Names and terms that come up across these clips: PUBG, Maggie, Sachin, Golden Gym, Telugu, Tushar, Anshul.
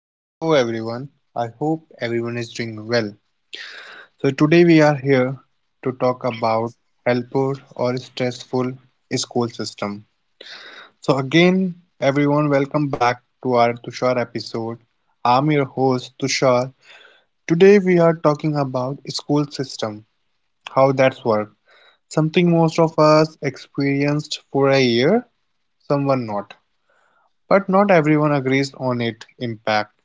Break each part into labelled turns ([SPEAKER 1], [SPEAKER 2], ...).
[SPEAKER 1] Hello everyone, I hope everyone is doing well. So, today we are here to talk about helper or stressful school system. So, again, everyone, welcome back to our Tushar episode. I'm your host Tushar. Today we are talking about school system, how that's work. Something most of us experienced for a year, someone not. But not everyone agrees on it impact.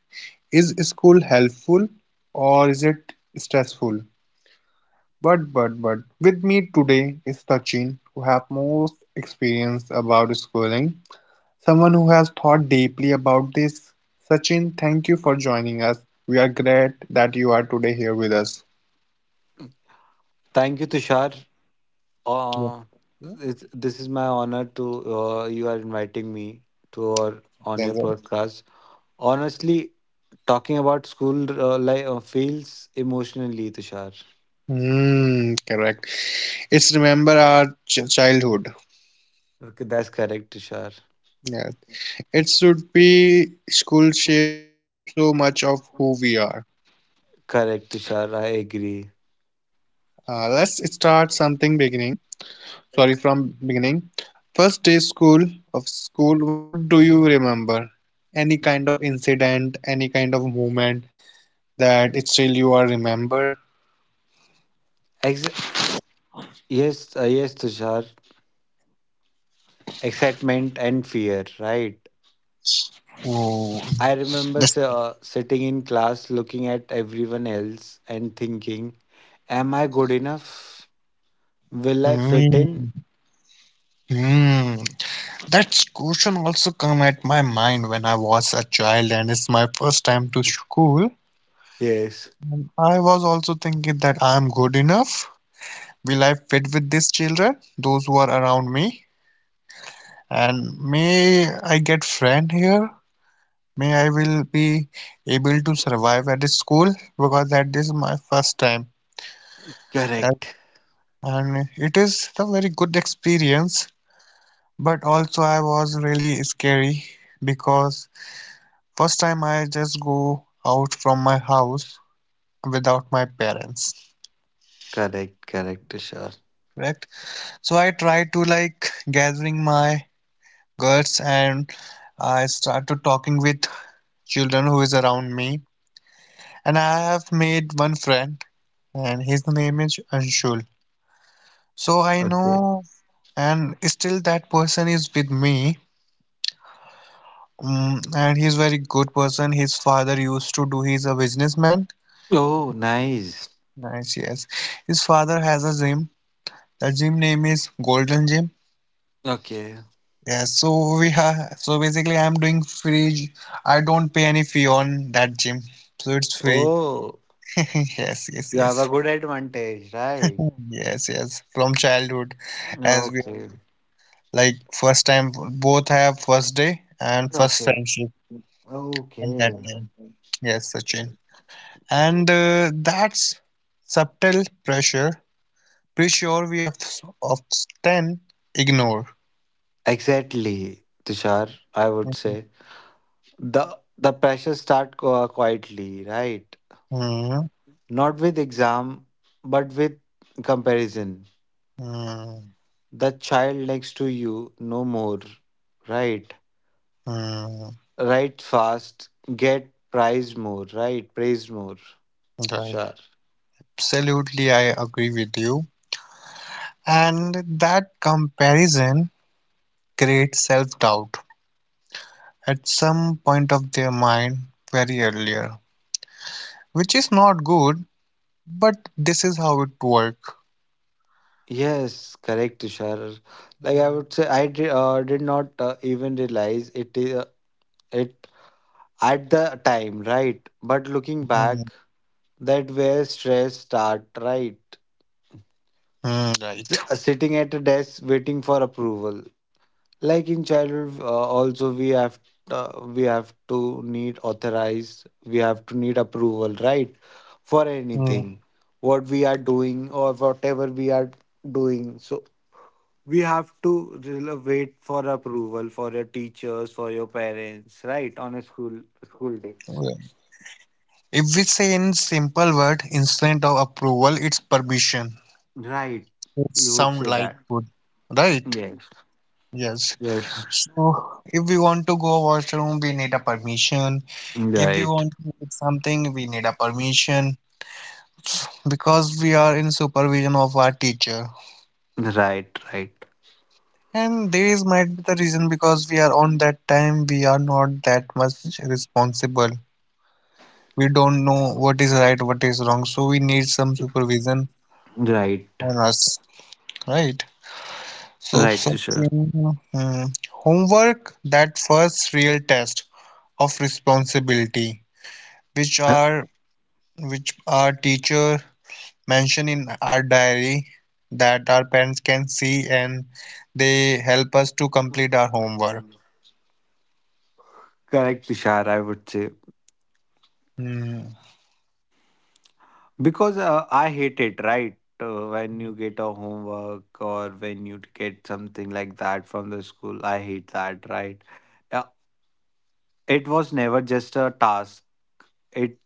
[SPEAKER 1] Is school helpful or is it stressful? But with me today is Sachin, who have most experience about schooling, someone who has thought deeply about this. Sachin, thank you for joining us. We are glad that you are today here with us.
[SPEAKER 2] Thank you, Tushar.
[SPEAKER 1] Yeah.
[SPEAKER 2] Uh,
[SPEAKER 1] Yeah.
[SPEAKER 2] this is my honor to you are inviting me to or on
[SPEAKER 1] Yes,
[SPEAKER 2] your
[SPEAKER 1] sir.
[SPEAKER 2] podcast. Honestly, talking about school life feels emotionally, Tushar.
[SPEAKER 1] Hmm, correct. It's remember our childhood.
[SPEAKER 2] Okay, that's correct, Tushar.
[SPEAKER 1] Yes. It should be school shapes so much of who we are.
[SPEAKER 2] Correct, Tushar. I agree.
[SPEAKER 1] Let's start something beginning, sorry, from beginning, first day school of school, what do you remember? Any kind of incident, any kind of moment that it still you are remember?
[SPEAKER 2] Ex- yes, Tushar. Excitement and fear, right?
[SPEAKER 1] Oh,
[SPEAKER 2] I remember
[SPEAKER 1] this.
[SPEAKER 2] sitting in class, looking at everyone else, and thinking, "Am I good enough? Will I fit in?"
[SPEAKER 1] Hmm. Hmm. That question also come at my mind when I was a child and it's my first time to school.
[SPEAKER 2] Yes.
[SPEAKER 1] And I was also thinking that I'm good enough. Will I fit with these children, those who are around me? And may I get friend here? May I will be able to survive at this school because that is my first time at-
[SPEAKER 2] Correct.
[SPEAKER 1] and it is a very good experience but also I was really scary because first time I just go out from my house without my parents.
[SPEAKER 2] Correct. Correct, Tushar.
[SPEAKER 1] Correct. So I try to like gathering my guts and I start to talking with children who is around me and I have made one friend and his name is Anshul. So I
[SPEAKER 2] Okay.
[SPEAKER 1] know, and still that person is with me, mm, and he's very good person. His father used to do. He's a businessman.
[SPEAKER 2] Oh, nice.
[SPEAKER 1] Nice, yes. His father has a gym. The gym name is Golden Gym.
[SPEAKER 2] Okay.
[SPEAKER 1] Yes. So we have. So basically, I'm doing free. I don't pay any fee on that gym, so it's free.
[SPEAKER 2] Oh,
[SPEAKER 1] Yes, yes,
[SPEAKER 2] you have a
[SPEAKER 1] yes.
[SPEAKER 2] good advantage, right?
[SPEAKER 1] Yes, yes. From childhood, as we have
[SPEAKER 2] Okay.
[SPEAKER 1] like first time, both have first day and first
[SPEAKER 2] Okay.
[SPEAKER 1] friendship on that
[SPEAKER 2] Okay.
[SPEAKER 1] day. Yes, Sachin. And that's subtle pressure, pressure we of often ignore.
[SPEAKER 2] Exactly, Tushar. I would
[SPEAKER 1] Mhm,
[SPEAKER 2] say the pressure start quietly, right?
[SPEAKER 1] mhm,
[SPEAKER 2] Not with exam, but with comparison. The child next to you, no more, right?
[SPEAKER 1] mhm.
[SPEAKER 2] Write fast, get praised more, right? Praised more,
[SPEAKER 1] Right.
[SPEAKER 2] Tushar.
[SPEAKER 1] Absolutely, I agree with you. And that comparison creates self-doubt at some point of their mind very earlier, which is not good, but this is how it works.
[SPEAKER 2] Yes, correct, Tushar. Like I
[SPEAKER 1] Mm,
[SPEAKER 2] would say, I did not even realize it at the time, right? But looking back, that where stress start, right?
[SPEAKER 1] mm,
[SPEAKER 2] S-
[SPEAKER 1] right.
[SPEAKER 2] uh, sitting at a desk waiting for approval, like in childhood also we have to need authorized we have to need approval, right, for anything what we are doing or whatever we are doing, so we have to really wait for approval for your teachers, for your parents, right, on a school days,
[SPEAKER 1] Mm. If we say in simple word instead of approval, it's permission.
[SPEAKER 2] right.
[SPEAKER 1] It
[SPEAKER 2] You would
[SPEAKER 1] sound
[SPEAKER 2] say
[SPEAKER 1] like
[SPEAKER 2] that?
[SPEAKER 1] good, right?
[SPEAKER 2] Yes,
[SPEAKER 1] Yes.
[SPEAKER 2] yes.
[SPEAKER 1] So if we want to go washroom, we need a permission. If we
[SPEAKER 2] Right,
[SPEAKER 1] want to eat something, we need a permission because we are in supervision of our teacher.
[SPEAKER 2] right, right,
[SPEAKER 1] And there is might be the reason because we are on that time, we are not that much responsible. We don't know what is right, what is wrong, so we need some supervision
[SPEAKER 2] right,
[SPEAKER 1] on us, right? So,
[SPEAKER 2] right, Tushar.
[SPEAKER 1] something, hmm, homework that first real test of responsibility, which are which our teacher mentioned in our diary that our parents can see and they help us to complete our homework.
[SPEAKER 2] Correct, Tushar, I would say.
[SPEAKER 1] Hmm,
[SPEAKER 2] Because I hate it, right? When you get a homework or when you get something like that from the school, I hate that, right? Uh, it was never just a task, it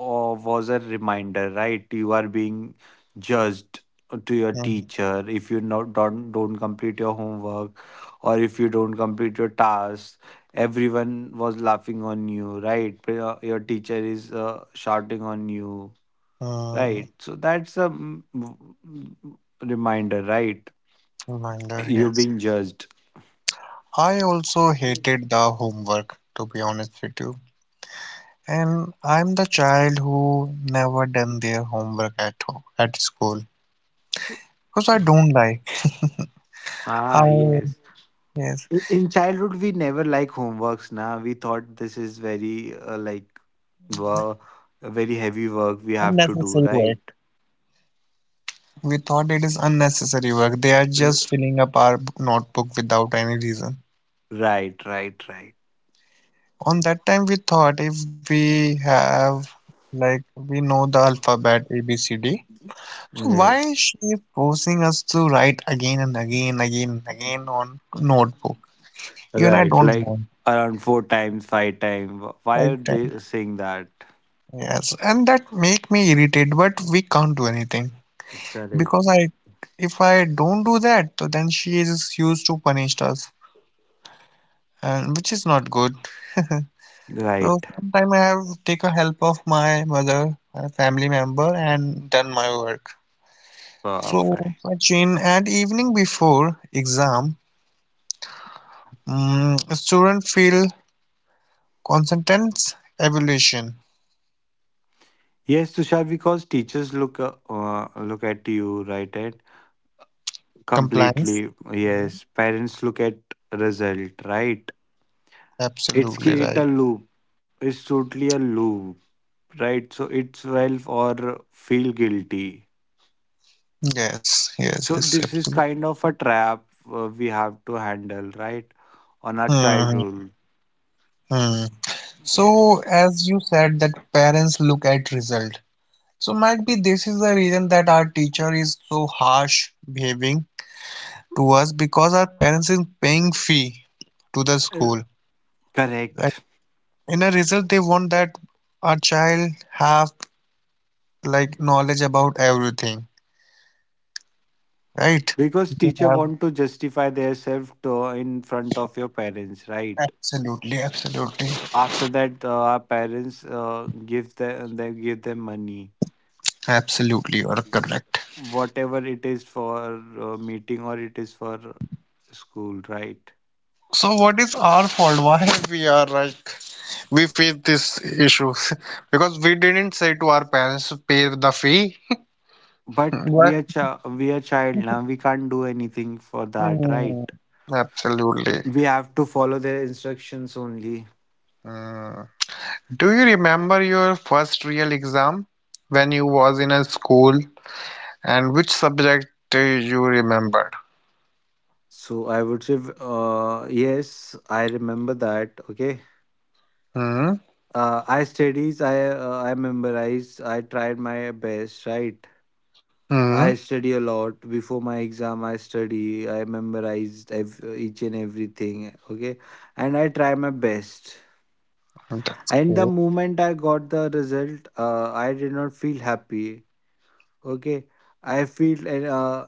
[SPEAKER 2] uh, was a reminder, right? You are being judged to your
[SPEAKER 1] hmm,
[SPEAKER 2] teacher if you not, don't complete your homework or if you don't complete your task. Everyone was laughing on you, right? Your teacher is shouting on you.
[SPEAKER 1] hmm.
[SPEAKER 2] Right. So that's a mm, reminder, right?
[SPEAKER 1] Reminder,
[SPEAKER 2] You're
[SPEAKER 1] yes.
[SPEAKER 2] being judged.
[SPEAKER 1] I also hated the homework, to be honest with you. And I'm the child who never done their homework at home, at school. Because I don't like
[SPEAKER 2] Ah,
[SPEAKER 1] how,
[SPEAKER 2] yes.
[SPEAKER 1] yes,
[SPEAKER 2] In childhood, we never like homeworks. Now we thought this is very like wo- very heavy work we have to do,
[SPEAKER 1] unnecessary work.
[SPEAKER 2] right?
[SPEAKER 1] We thought it is unnecessary work. They are just
[SPEAKER 2] R-
[SPEAKER 1] filling up our notebook without any reason.
[SPEAKER 2] Right, right, right.
[SPEAKER 1] On that time, we thought if we have, like, we know the alphabet A, B, C, D. So why is
[SPEAKER 2] Yes,
[SPEAKER 1] she forcing us to write again, and again on notebook? Even I
[SPEAKER 2] right.
[SPEAKER 1] don't
[SPEAKER 2] Like
[SPEAKER 1] want.
[SPEAKER 2] around four times, five times. Why are
[SPEAKER 1] Five times.
[SPEAKER 2] they saying that?
[SPEAKER 1] Yes, and that make me irritate, but we can't do anything.
[SPEAKER 2] Correct.
[SPEAKER 1] Because I, if I don't do that, so then she is used to punish us, and which is not good. So
[SPEAKER 2] Right.
[SPEAKER 1] sometime I have take a help of my mother, a family member, and done my work. So
[SPEAKER 2] Perfect.
[SPEAKER 1] Sachin, at evening before exam, student feel consentence, evaluation,
[SPEAKER 2] Yes, Tushar, because teachers look look at you, right? At completely,
[SPEAKER 1] compliance. Hmm.
[SPEAKER 2] yes. Parents look at result, right?
[SPEAKER 1] Absolutely
[SPEAKER 2] It's
[SPEAKER 1] right.
[SPEAKER 2] create a loop. It's totally a loop, right? So it's self or feel guilty.
[SPEAKER 1] Yes, yes,
[SPEAKER 2] So
[SPEAKER 1] yes,
[SPEAKER 2] this is
[SPEAKER 1] absolutely.
[SPEAKER 2] kind of a trap we have to handle, right? On our
[SPEAKER 1] Mm-hmm,
[SPEAKER 2] childhood.
[SPEAKER 1] mm-hmm. So,
[SPEAKER 2] Yes.
[SPEAKER 1] as you said that parents look at result. So might be this is the reason that our teacher is so harsh behaving to us because our parents is paying fee to the
[SPEAKER 2] Uh,
[SPEAKER 1] school. Like
[SPEAKER 2] Correct.
[SPEAKER 1] in a result they want that our child have like knowledge about everything, right?
[SPEAKER 2] Because
[SPEAKER 1] They
[SPEAKER 2] teacher
[SPEAKER 1] have
[SPEAKER 2] want to justify their self to in front of your parents, right?
[SPEAKER 1] absolutely, absolutely,
[SPEAKER 2] After that, our parents give them they give them money,
[SPEAKER 1] absolutely you are correct.
[SPEAKER 2] whatever it is for meeting or it is for school, right?
[SPEAKER 1] So what is our fault? Why we are like we face this issues because we didn't say to our parents to pay the fee.
[SPEAKER 2] But
[SPEAKER 1] Why?
[SPEAKER 2] we are child now. We can't do anything for that, right?
[SPEAKER 1] Mm, absolutely.
[SPEAKER 2] We have to follow their instructions only.
[SPEAKER 1] Mm. Do you remember your first real exam when you was in a school and which subject you remembered?
[SPEAKER 2] So I would say, yes, I remember that. Okay,
[SPEAKER 1] Hmm.
[SPEAKER 2] I studies. I memorized. I tried my best, right?
[SPEAKER 1] Hmm.
[SPEAKER 2] I study a lot. Before my exam, I study. I memorized each and everything. Okay, and I try my best.
[SPEAKER 1] That's
[SPEAKER 2] And the
[SPEAKER 1] great.
[SPEAKER 2] moment I got the result, I did not feel happy. Okay, I feel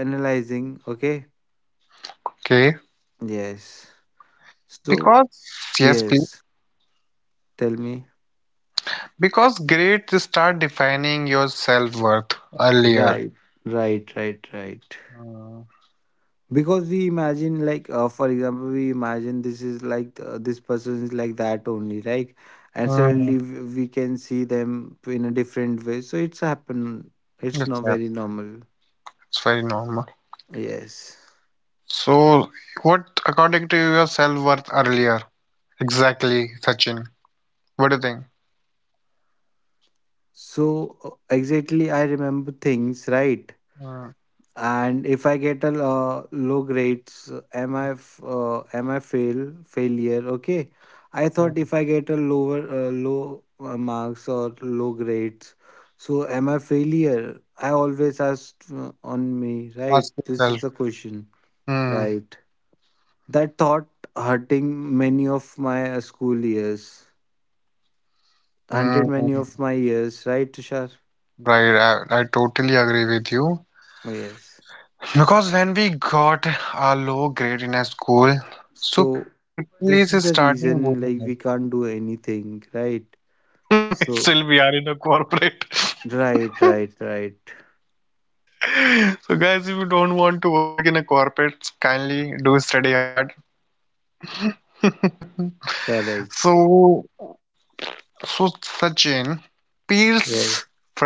[SPEAKER 2] analyzing. Okay,
[SPEAKER 1] Okay.
[SPEAKER 2] yes. So
[SPEAKER 1] Because yes, please.
[SPEAKER 2] yes, tell me.
[SPEAKER 1] Because grades start defining your self-worth earlier.
[SPEAKER 2] Right, right, right, right.
[SPEAKER 1] Mm.
[SPEAKER 2] Because we imagine like for example we imagine this is like this person is like that only, right? And
[SPEAKER 1] Mm.
[SPEAKER 2] suddenly we can see them in a different way, so it's happen. It's
[SPEAKER 1] That's,
[SPEAKER 2] not
[SPEAKER 1] yeah,
[SPEAKER 2] very normal.
[SPEAKER 1] that's very normal.
[SPEAKER 2] Yes.
[SPEAKER 1] So, what, according to your self-worth earlier, exactly, Sachin? What do you think?
[SPEAKER 2] So exactly I remember things, right?
[SPEAKER 1] Mm,
[SPEAKER 2] And if I get a low grades, am I failure? Okay, I thought
[SPEAKER 1] mm,
[SPEAKER 2] if I get a low marks or low grades, so am I failure? I always asked on me,
[SPEAKER 1] ask
[SPEAKER 2] right? This
[SPEAKER 1] yourself.
[SPEAKER 2] is a question,
[SPEAKER 1] Mm,
[SPEAKER 2] right? That thought hurting many of my school years hunted many
[SPEAKER 1] mm,
[SPEAKER 2] of my years, right, Tushar?
[SPEAKER 1] right, I totally agree with you.
[SPEAKER 2] Yes.
[SPEAKER 1] Because when we got a low grade in a school, so people
[SPEAKER 2] So
[SPEAKER 1] is
[SPEAKER 2] this is the
[SPEAKER 1] starting
[SPEAKER 2] reason
[SPEAKER 1] bullying
[SPEAKER 2] like we can't do anything, right?
[SPEAKER 1] us. Still, we
[SPEAKER 2] So
[SPEAKER 1] are in a corporate.
[SPEAKER 2] right, right, right.
[SPEAKER 1] So, guys, if you don't want to work in a corporate, kindly do study hard.
[SPEAKER 2] Correct.
[SPEAKER 1] So, Sujin, Peel's
[SPEAKER 2] Yes.
[SPEAKER 1] friends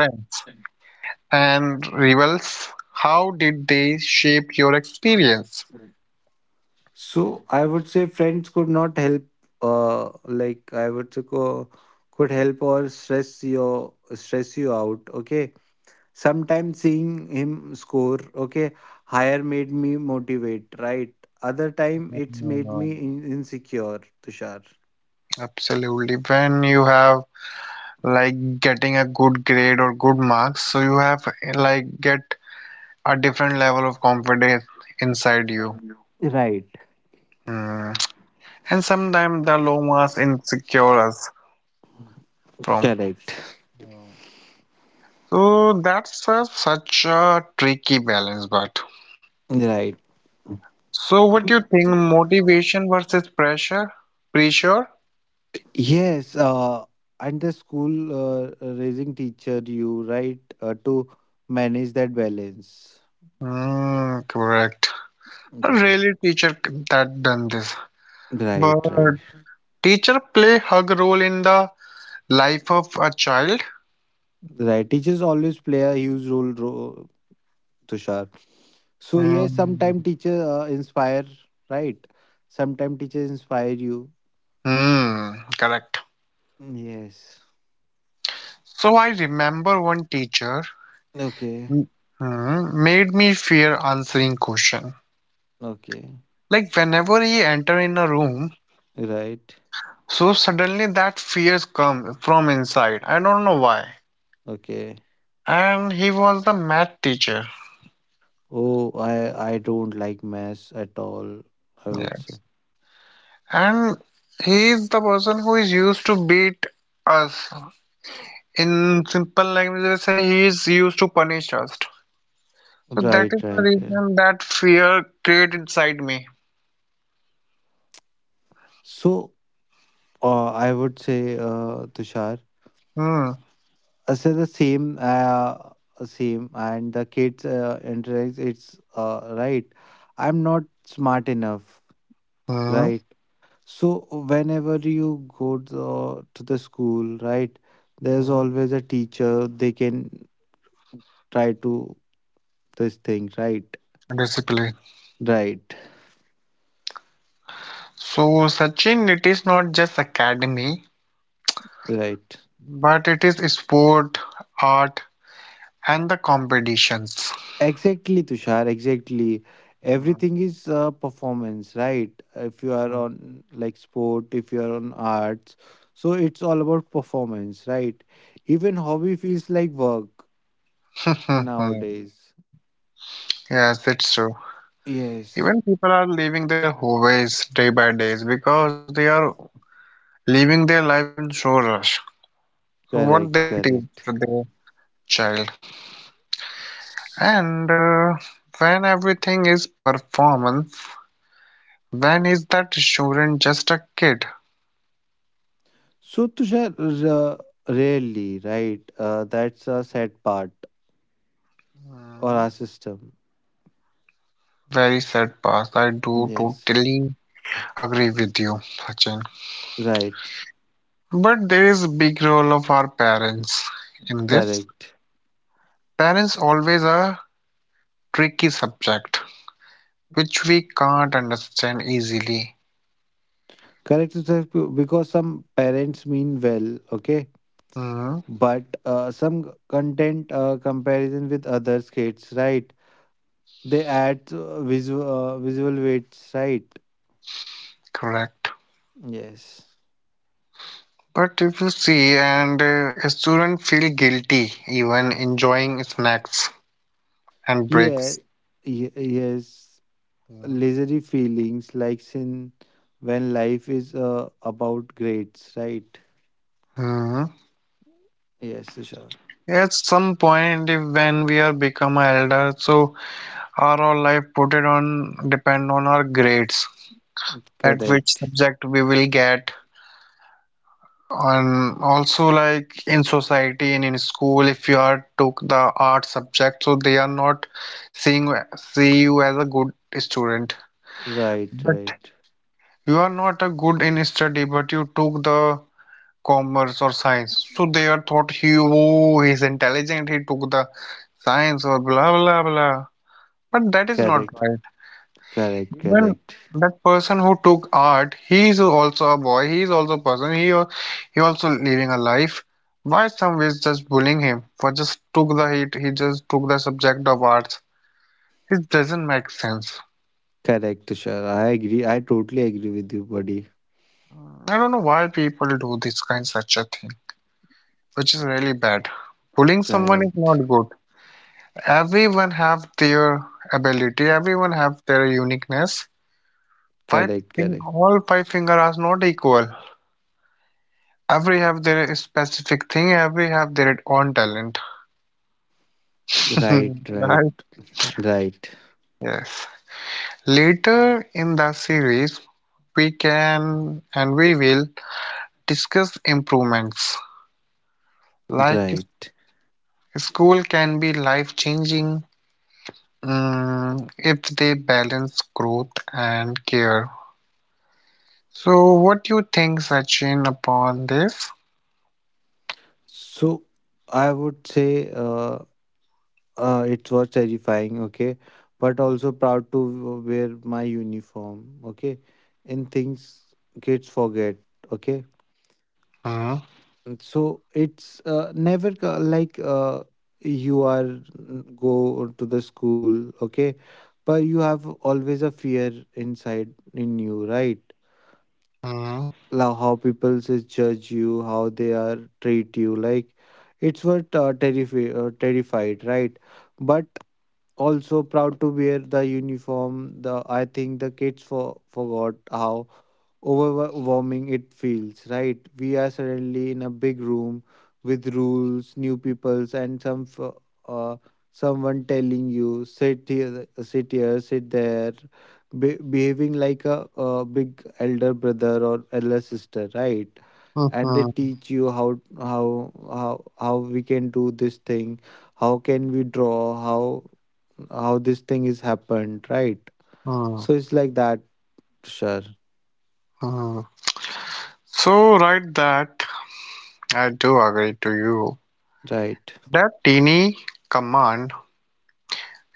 [SPEAKER 1] and rivals, how did they shape your experience?
[SPEAKER 2] So I would say friends could not help like I would say could help or stress you out, okay? Sometimes seeing him score, okay, higher made me motivate, right? Other time it's made me
[SPEAKER 1] Mm,
[SPEAKER 2] insecure, Tushar.
[SPEAKER 1] absolutely. When you have like getting a good grade or good marks, so you have like get a different level of confidence inside you.
[SPEAKER 2] Right.
[SPEAKER 1] Mm. And sometimes the low marks insecure us from.
[SPEAKER 2] Correct.
[SPEAKER 1] So that's a, such a tricky balance, but.
[SPEAKER 2] Right.
[SPEAKER 1] So what do you think? Motivation versus pressure? Pressure?
[SPEAKER 2] Yes, and the school raising teacher you, right, to manage that balance.
[SPEAKER 1] Mm, correct.
[SPEAKER 2] Right,
[SPEAKER 1] Really, teacher that done this. But
[SPEAKER 2] right, right,
[SPEAKER 1] teacher play hug role in the life of a child.
[SPEAKER 2] right. Teachers always play a huge role, Tushar. So yes,
[SPEAKER 1] Mm,
[SPEAKER 2] sometimes teacher inspire, right? Sometimes teachers inspire you.
[SPEAKER 1] mm, correct.
[SPEAKER 2] Yes.
[SPEAKER 1] So I remember one teacher,
[SPEAKER 2] Okay.
[SPEAKER 1] mm, mm, made me fear answering question.
[SPEAKER 2] Okay.
[SPEAKER 1] Like whenever he enter in a room,
[SPEAKER 2] Right.
[SPEAKER 1] so suddenly that fears come from inside. I don't know why.
[SPEAKER 2] Okay.
[SPEAKER 1] And he was the math teacher.
[SPEAKER 2] Oh, I don't like maths at all. I would
[SPEAKER 1] Yes.
[SPEAKER 2] say.
[SPEAKER 1] And he is the person who is used to beat us. In simple language, they say he is used to punish us. So that
[SPEAKER 2] Right.
[SPEAKER 1] is the
[SPEAKER 2] Right. Right.
[SPEAKER 1] reason that fear create inside me.
[SPEAKER 2] So I would say Tushar.
[SPEAKER 1] Hmm.
[SPEAKER 2] So the same, and the kids interacts. It's right. I'm not smart enough,
[SPEAKER 1] Hmm.
[SPEAKER 2] right? So whenever you go to the school, right, there's
[SPEAKER 1] Hmm.
[SPEAKER 2] always a teacher. They can try to this thing, right,
[SPEAKER 1] Discipline.
[SPEAKER 2] right,
[SPEAKER 1] So Sachin, it is not just academy,
[SPEAKER 2] right.
[SPEAKER 1] but it is sport, art, and the competitions.
[SPEAKER 2] Exactly, Tushar. Exactly.
[SPEAKER 1] Hmm.
[SPEAKER 2] Everything is performance, right? If you are on like sport, if you are on arts, so it's all about performance, right? Even hobby feels like work nowadays.
[SPEAKER 1] Yes, it's true. Even
[SPEAKER 2] Yes,
[SPEAKER 1] people are leaving their hobbies day by days because they are living their life in so rush. So what
[SPEAKER 2] correct,
[SPEAKER 1] they teach to
[SPEAKER 2] correct.
[SPEAKER 1] their child,
[SPEAKER 2] S-
[SPEAKER 1] and when everything is performance, when is that student just a kid?
[SPEAKER 2] So Tushar, rarely, right? That's a sad part or
[SPEAKER 1] Hmm,
[SPEAKER 2] our system.
[SPEAKER 1] very sad past. I do
[SPEAKER 2] Yes,
[SPEAKER 1] totally agree with you, Sachin.
[SPEAKER 2] right,
[SPEAKER 1] But there is big role of our parents in this.
[SPEAKER 2] correct.
[SPEAKER 1] Parents always a tricky subject which we can't understand easily.
[SPEAKER 2] Correct, Sudhir, because some parents mean well, okay,
[SPEAKER 1] Mm,
[SPEAKER 2] but some content comparison with other kids, right? They add visual weights, right?
[SPEAKER 1] correct.
[SPEAKER 2] Yes.
[SPEAKER 1] But if you see, and a student feel guilty even enjoying snacks and
[SPEAKER 2] Yeah,
[SPEAKER 1] breaks.
[SPEAKER 2] yes, leisurely feelings like sin when life is about grades, right?
[SPEAKER 1] Hmm.
[SPEAKER 2] Yes, Tushar.
[SPEAKER 1] At some point, if when we are become elder, so our whole life put it on depend on our grades, at which
[SPEAKER 2] Correct.
[SPEAKER 1] subject we will get. And also, like in society and in school, if you are took the art subject, so they are not seeing see you as a good student.
[SPEAKER 2] Right,
[SPEAKER 1] But
[SPEAKER 2] right.
[SPEAKER 1] you are not a good in study, but you took the commerce or science. So they are thought he oh he's intelligent, he took the science or blah blah blah. But that is not
[SPEAKER 2] Correct,
[SPEAKER 1] right.
[SPEAKER 2] correct,
[SPEAKER 1] Even
[SPEAKER 2] correct.
[SPEAKER 1] that person who took art, he is also a boy, he is also a person, he also living a life. Why some is just bullying him for just took the heat, he just took the subject of arts. It doesn't make sense.
[SPEAKER 2] Correct, Tushar. I agree. I totally agree with you, buddy.
[SPEAKER 1] I don't know why people do this kind such a thing, which is really bad. Bullying someone is
[SPEAKER 2] Correct,
[SPEAKER 1] not good. Everyone have their ability, everyone have their uniqueness.
[SPEAKER 2] correct, correct.
[SPEAKER 1] All five finger are not equal. Every have their specific thing, every have their own talent.
[SPEAKER 2] Right, right,
[SPEAKER 1] Right.
[SPEAKER 2] right,
[SPEAKER 1] Yes. Later in the series, we can and we will discuss improvements. Like
[SPEAKER 2] right.
[SPEAKER 1] school can be life changing, mm, if they balance growth and care. So, what do you think, Sachin, upon this?
[SPEAKER 2] So I would say it was terrifying, okay, but also proud to wear my uniform, okay, and things kids forget, okay.
[SPEAKER 1] Hmm,
[SPEAKER 2] So it's never, you are go to the school, okay, but you have always a fear inside in you, right?
[SPEAKER 1] hmm,
[SPEAKER 2] Like how people says judge you, how they are treat you, like it's what terrified, right? But also proud to wear the uniform. The i think the kids forgot how overwhelming it feels, right? We are suddenly in a big room with rules, new peoples, and some uh, someone telling you sit here, sit here, sit there, behaving like a big elder brother or elder sister, right?
[SPEAKER 1] hmm,
[SPEAKER 2] And they
[SPEAKER 1] hmm,
[SPEAKER 2] teach you how we can do this thing, how can we draw, how this thing is happened, right?
[SPEAKER 1] hmm,
[SPEAKER 2] So it's like that, sure,
[SPEAKER 1] hmm. So, right, that I do agree to you.
[SPEAKER 2] right,
[SPEAKER 1] That teeny command,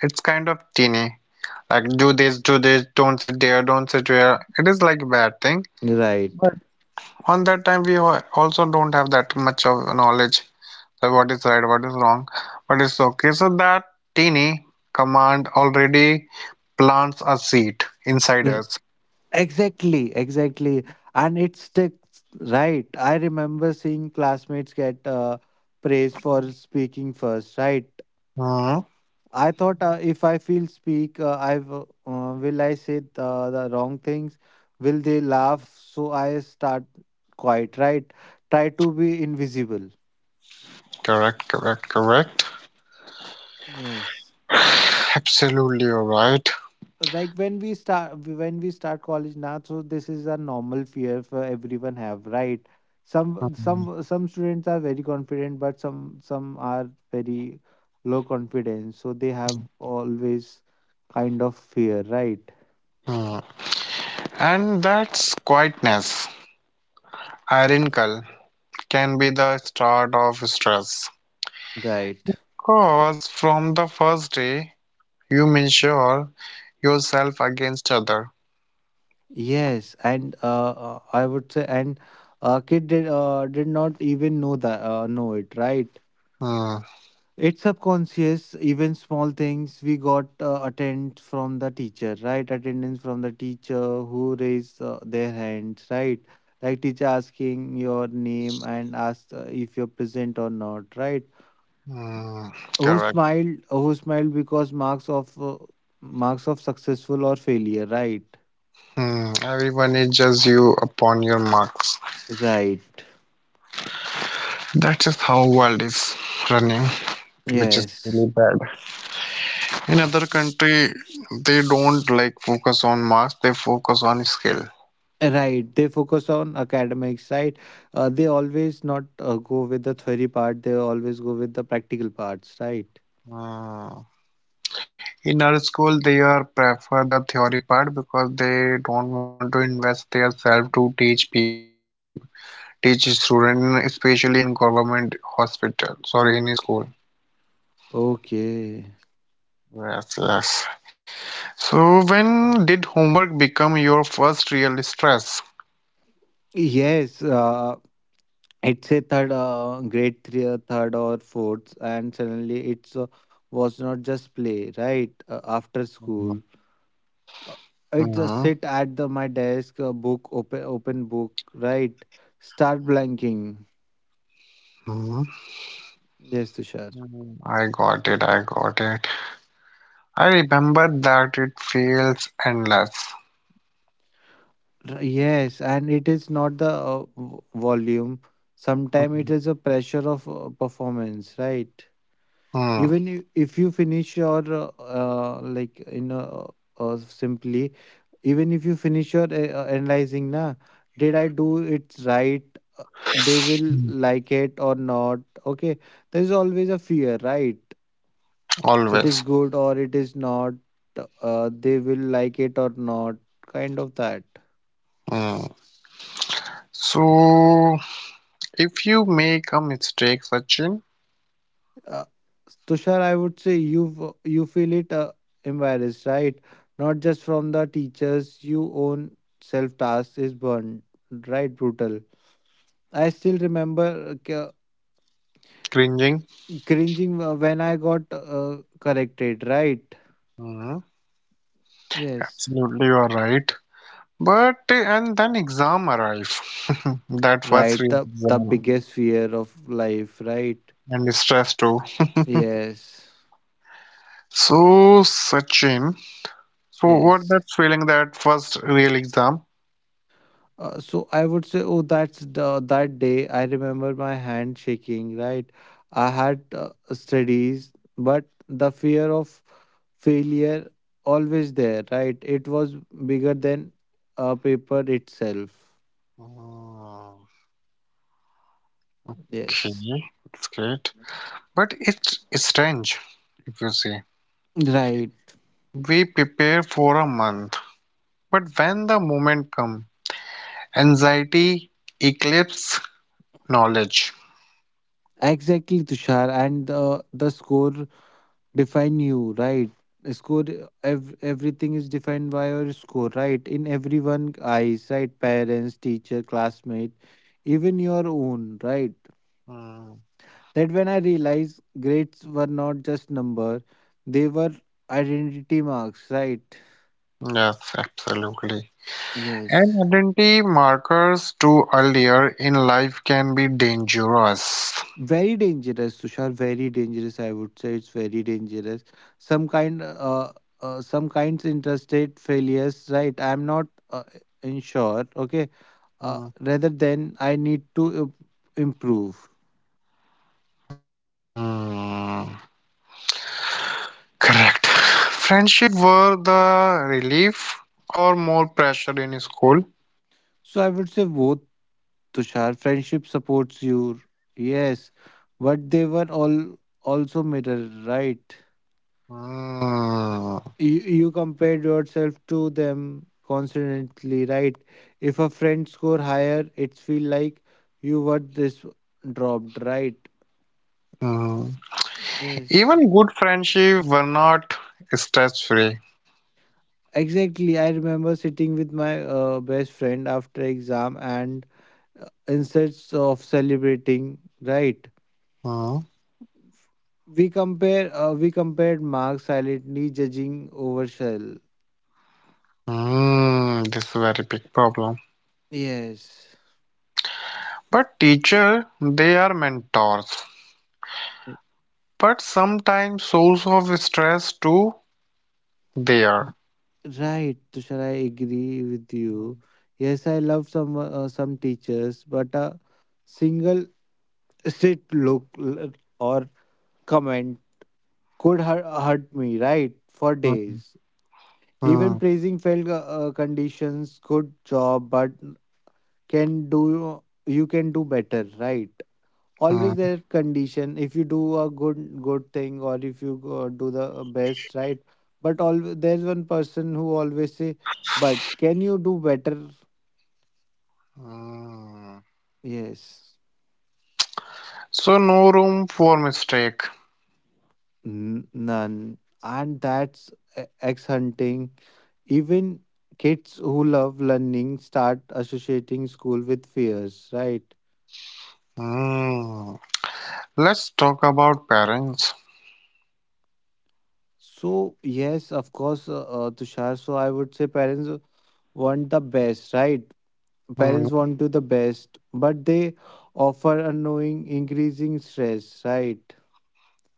[SPEAKER 1] it's kind of teeny. Like, do this, don't sit there, don't sit there. It is like bad thing.
[SPEAKER 2] right.
[SPEAKER 1] But on that time, also don't have that much of knowledge, so what is right, what is wrong, but it's okay. So that tiny command already plants a seed inside
[SPEAKER 2] Yes.
[SPEAKER 1] us.
[SPEAKER 2] Exactly, exactly. And it sticks, right? I remember seeing classmates get praised for speaking first, right?
[SPEAKER 1] Mhm.
[SPEAKER 2] I thought if I feel speak, will I say the wrong things? Will they laugh? So I start quiet, right? Try to be invisible.
[SPEAKER 1] Correct, correct, correct.
[SPEAKER 2] Yes.
[SPEAKER 1] Absolutely alright.
[SPEAKER 2] Like when we start college now, so this is a normal fear for everyone have, right? Some students are very confident but some are very low confidence, so they have always kind of fear, right?
[SPEAKER 1] Hmm. And that's quietness. Ironical can be the start of stress.
[SPEAKER 2] Right.
[SPEAKER 1] Cause from the first day, you measure yourself against other.
[SPEAKER 2] Yes, and I would say, and kid did not even know that know it, right?
[SPEAKER 1] Hmm.
[SPEAKER 2] It's subconscious, even small things. We got attend from the teacher, right? Attendance from the teacher who raise their hands, right? Like teacher asking your name and ask if you're present or not, right?
[SPEAKER 1] Hmm.
[SPEAKER 2] Who smiled? Who smiled because marks of successful or failure, right?
[SPEAKER 1] Hmm, everyone judges you upon your marks.
[SPEAKER 2] Right.
[SPEAKER 1] That's just how world is running, which is
[SPEAKER 2] Yes.
[SPEAKER 1] really bad. In other country, they don't like focus on marks; they focus on skill.
[SPEAKER 2] Right. They focus on academics, right? They always not go with the theory part. They always go with the practical parts, right?
[SPEAKER 1] Hmm. In our school, they are prefer the theory part because they don't want to invest their self to teach people, teach student, especially in government hospital. Sorry, in school.
[SPEAKER 2] Okay. Okay.
[SPEAKER 1] Yes, yes. So when did homework become your first real stress?
[SPEAKER 2] Yes, it's a third grade three or third or fourth, and suddenly it's was not just play, right? After school,
[SPEAKER 1] Mhm,
[SPEAKER 2] uh, it just
[SPEAKER 1] mhm.
[SPEAKER 2] sit at the my desk, book open open book, right? Start blanking. Yes, Tushar.
[SPEAKER 1] Mm, I got it. I got it. I remember that it feels endless.
[SPEAKER 2] Yes, and it is not the volume. Sometimes it
[SPEAKER 1] Mm,
[SPEAKER 2] is a pressure of performance, right? Even if you finish your like in simply even if you finish your analyzing, na, did I do it right? Uh, they will
[SPEAKER 1] mm.
[SPEAKER 2] like it or not, okay. There is always a fear, right? It is
[SPEAKER 1] Always.
[SPEAKER 2] good or it is not. They will like it or not, kind of that.
[SPEAKER 1] Mm. So, if you make a mistake, Sachin,
[SPEAKER 2] uh, Tushar, I would say you feel it embarrassed, right? Not just from the teachers, you own self task is burned, right? Brutal. I still remember
[SPEAKER 1] cringing.
[SPEAKER 2] cringing when I got corrected, right?
[SPEAKER 1] Mm,
[SPEAKER 2] Yes.
[SPEAKER 1] absolutely, you are right. But and then exam arrive. That was
[SPEAKER 2] Right,
[SPEAKER 1] real
[SPEAKER 2] the
[SPEAKER 1] exam
[SPEAKER 2] biggest fear of life, right?
[SPEAKER 1] and stress too.
[SPEAKER 2] Yes,
[SPEAKER 1] So, Sachin, so what
[SPEAKER 2] yes.
[SPEAKER 1] that feeling that first real exam?
[SPEAKER 2] So I would say, oh, that's that day. I remember my hand shaking, right? I had studies, but the fear of failure always there, right? It was bigger than paper itself.
[SPEAKER 1] Mm. Okay,
[SPEAKER 2] Yes.
[SPEAKER 1] that's great. But it's strange if you say
[SPEAKER 2] Right.
[SPEAKER 1] we prepare for a month, but when the moment comes, anxiety eclipses knowledge.
[SPEAKER 2] Exactly, Tushar. And the score define you, right? Score, everything is defined by your score, right, in everyone eyes, right, parents, teacher, classmate, even your own, right?
[SPEAKER 1] Hmm.
[SPEAKER 2] That when I realized grades were not just number, they were identity marks, right?
[SPEAKER 1] Yes, absolutely.
[SPEAKER 2] Yes,
[SPEAKER 1] And identity markers too earlier in life can be dangerous.
[SPEAKER 2] very dangerous, Tushar. Very dangerous, I would say. It's very dangerous. Some kind uh, uh some kinds interested failures, right? I'm not uh, in sure, okay,
[SPEAKER 1] Hmm.
[SPEAKER 2] rather than I need to improve.
[SPEAKER 1] Hmm, correct. Friendship were the relief or more pressure in school?
[SPEAKER 2] So I would say both, Tushar. Friendship supports you. Yes, but they were all also mirror, right?
[SPEAKER 1] Hmm.
[SPEAKER 2] You compared yourself to them constantly, right? If a friend score higher, it's feel like you were this dropped, right?
[SPEAKER 1] Hmm.
[SPEAKER 2] Yes.
[SPEAKER 1] Even good friendship were not stress free.
[SPEAKER 2] Exactly. I remember sitting with my best friend after exam and instead of celebrating, right?
[SPEAKER 1] Hmm.
[SPEAKER 2] We compare. We compared Mark silently judging over Shell.
[SPEAKER 1] Hmm, this is a very big problem.
[SPEAKER 2] Yes.
[SPEAKER 1] But teacher, they are mentors. But sometimes source of stress too. They
[SPEAKER 2] Y-
[SPEAKER 1] are.
[SPEAKER 2] Right, Tushar, I agree with you. Yes, I love some teachers, but a single sit, look, or comment could hurt me, right, for
[SPEAKER 1] Hmm.
[SPEAKER 2] days. Even
[SPEAKER 1] Hmm.
[SPEAKER 2] praising felt conditions, good job, but can do you can do better, right? Always
[SPEAKER 1] Hmm.
[SPEAKER 2] there condition if you do a good thing or if you do the best, right. But all there's one person who always say, but can you do better?
[SPEAKER 1] Hmm.
[SPEAKER 2] Yes.
[SPEAKER 1] So no room for mistake.
[SPEAKER 2] None. And that's ex hunting, even kids who love learning start associating school with fears, right?
[SPEAKER 1] Hmm. Let's talk about parents.
[SPEAKER 2] So yes, of course, Tushar. So I would say parents want the best, right?
[SPEAKER 1] Hmm.
[SPEAKER 2] Parents want to the best, but they offer unknowing increasing stress, right?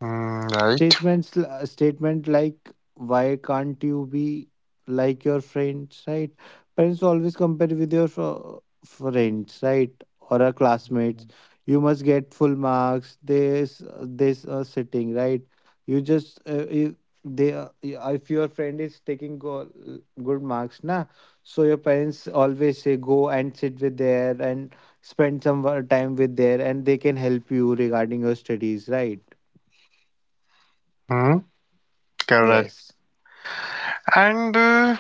[SPEAKER 1] Hmm. Right.
[SPEAKER 2] Statements l- uh, statement like why can't you be like your friends, right? Parents always compare with your friends, right? Or our classmates. You must get full marks, this sitting, right? You just if they if your friend is taking good marks, na, so your parents always say go and sit with there and spend some time with there, and they can help you regarding your studies, right?
[SPEAKER 1] Hmm. Correct.
[SPEAKER 2] Yes.
[SPEAKER 1] And uh,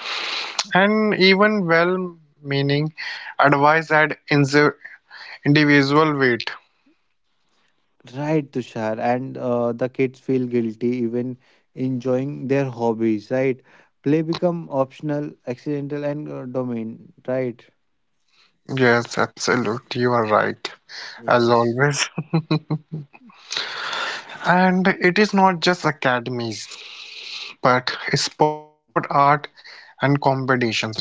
[SPEAKER 1] and even well-meaning advice had individual weight.
[SPEAKER 2] Right, Tushar, and the kids feel guilty even enjoying their hobbies, right? Play become optional, accidental, and domain, right?
[SPEAKER 1] Yes, absolutely, you are right, as
[SPEAKER 2] Yes.
[SPEAKER 1] always. And it is not just academies, but sport, art, and competition, Sachin.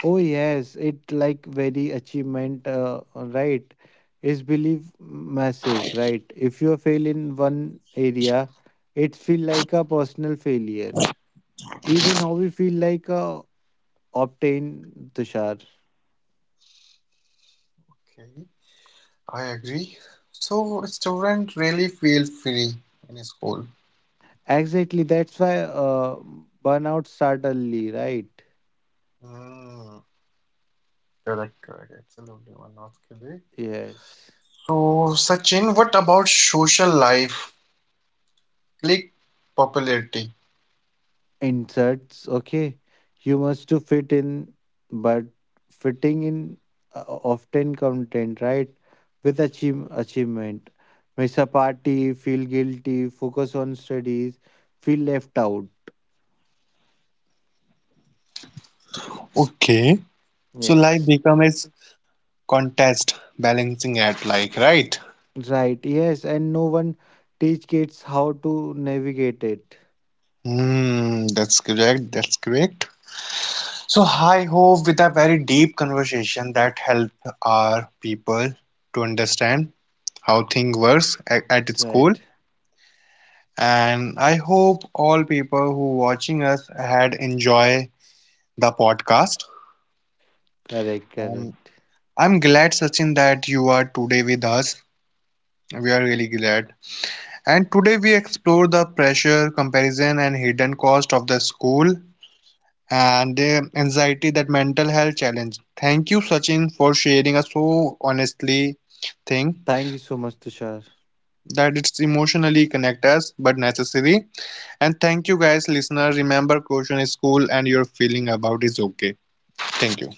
[SPEAKER 2] Oh yes, it like very achievement, right? Is believe massive, right? If you fail in one area, it feel like a personal failure. Even how we feel like a obtain, Tushar.
[SPEAKER 1] Okay, I agree. So student really feel free in school.
[SPEAKER 2] Exactly, that's why burnout start early, right?
[SPEAKER 1] Mm, correct, correct, absolutely, one not correct.
[SPEAKER 2] Yes.
[SPEAKER 1] So Sachin, what about social life, click popularity?
[SPEAKER 2] Inserts, okay. Humans to fit in, but fitting in often content, right? With achievement. Miss a party, feel guilty, focus on studies, feel left out.
[SPEAKER 1] Okay. So life
[SPEAKER 2] Yes.
[SPEAKER 1] become a contest balancing act like right?
[SPEAKER 2] Right, yes. And no one teach kids how to navigate it.
[SPEAKER 1] Hmm, that's correct. That's correct. So I hope with a very deep conversation that help our people to understand how thing works at its core.
[SPEAKER 2] Right.
[SPEAKER 1] And I hope all people who watching us had enjoy the podcast.
[SPEAKER 2] Correct,
[SPEAKER 1] Um,
[SPEAKER 2] correct.
[SPEAKER 1] I'm glad Sachin that you are today with us. We are really glad. And today we explore the pressure, comparison, and hidden cost of the school and the anxiety that mental health challenge. Thank you, Sachin, for sharing a so honestly thing
[SPEAKER 2] Thank you so much, Tushar.
[SPEAKER 1] that it's emotionally connect us but necessary. And thank you guys, listener. Remember, caution is cool and your feeling about is okay. Thank you.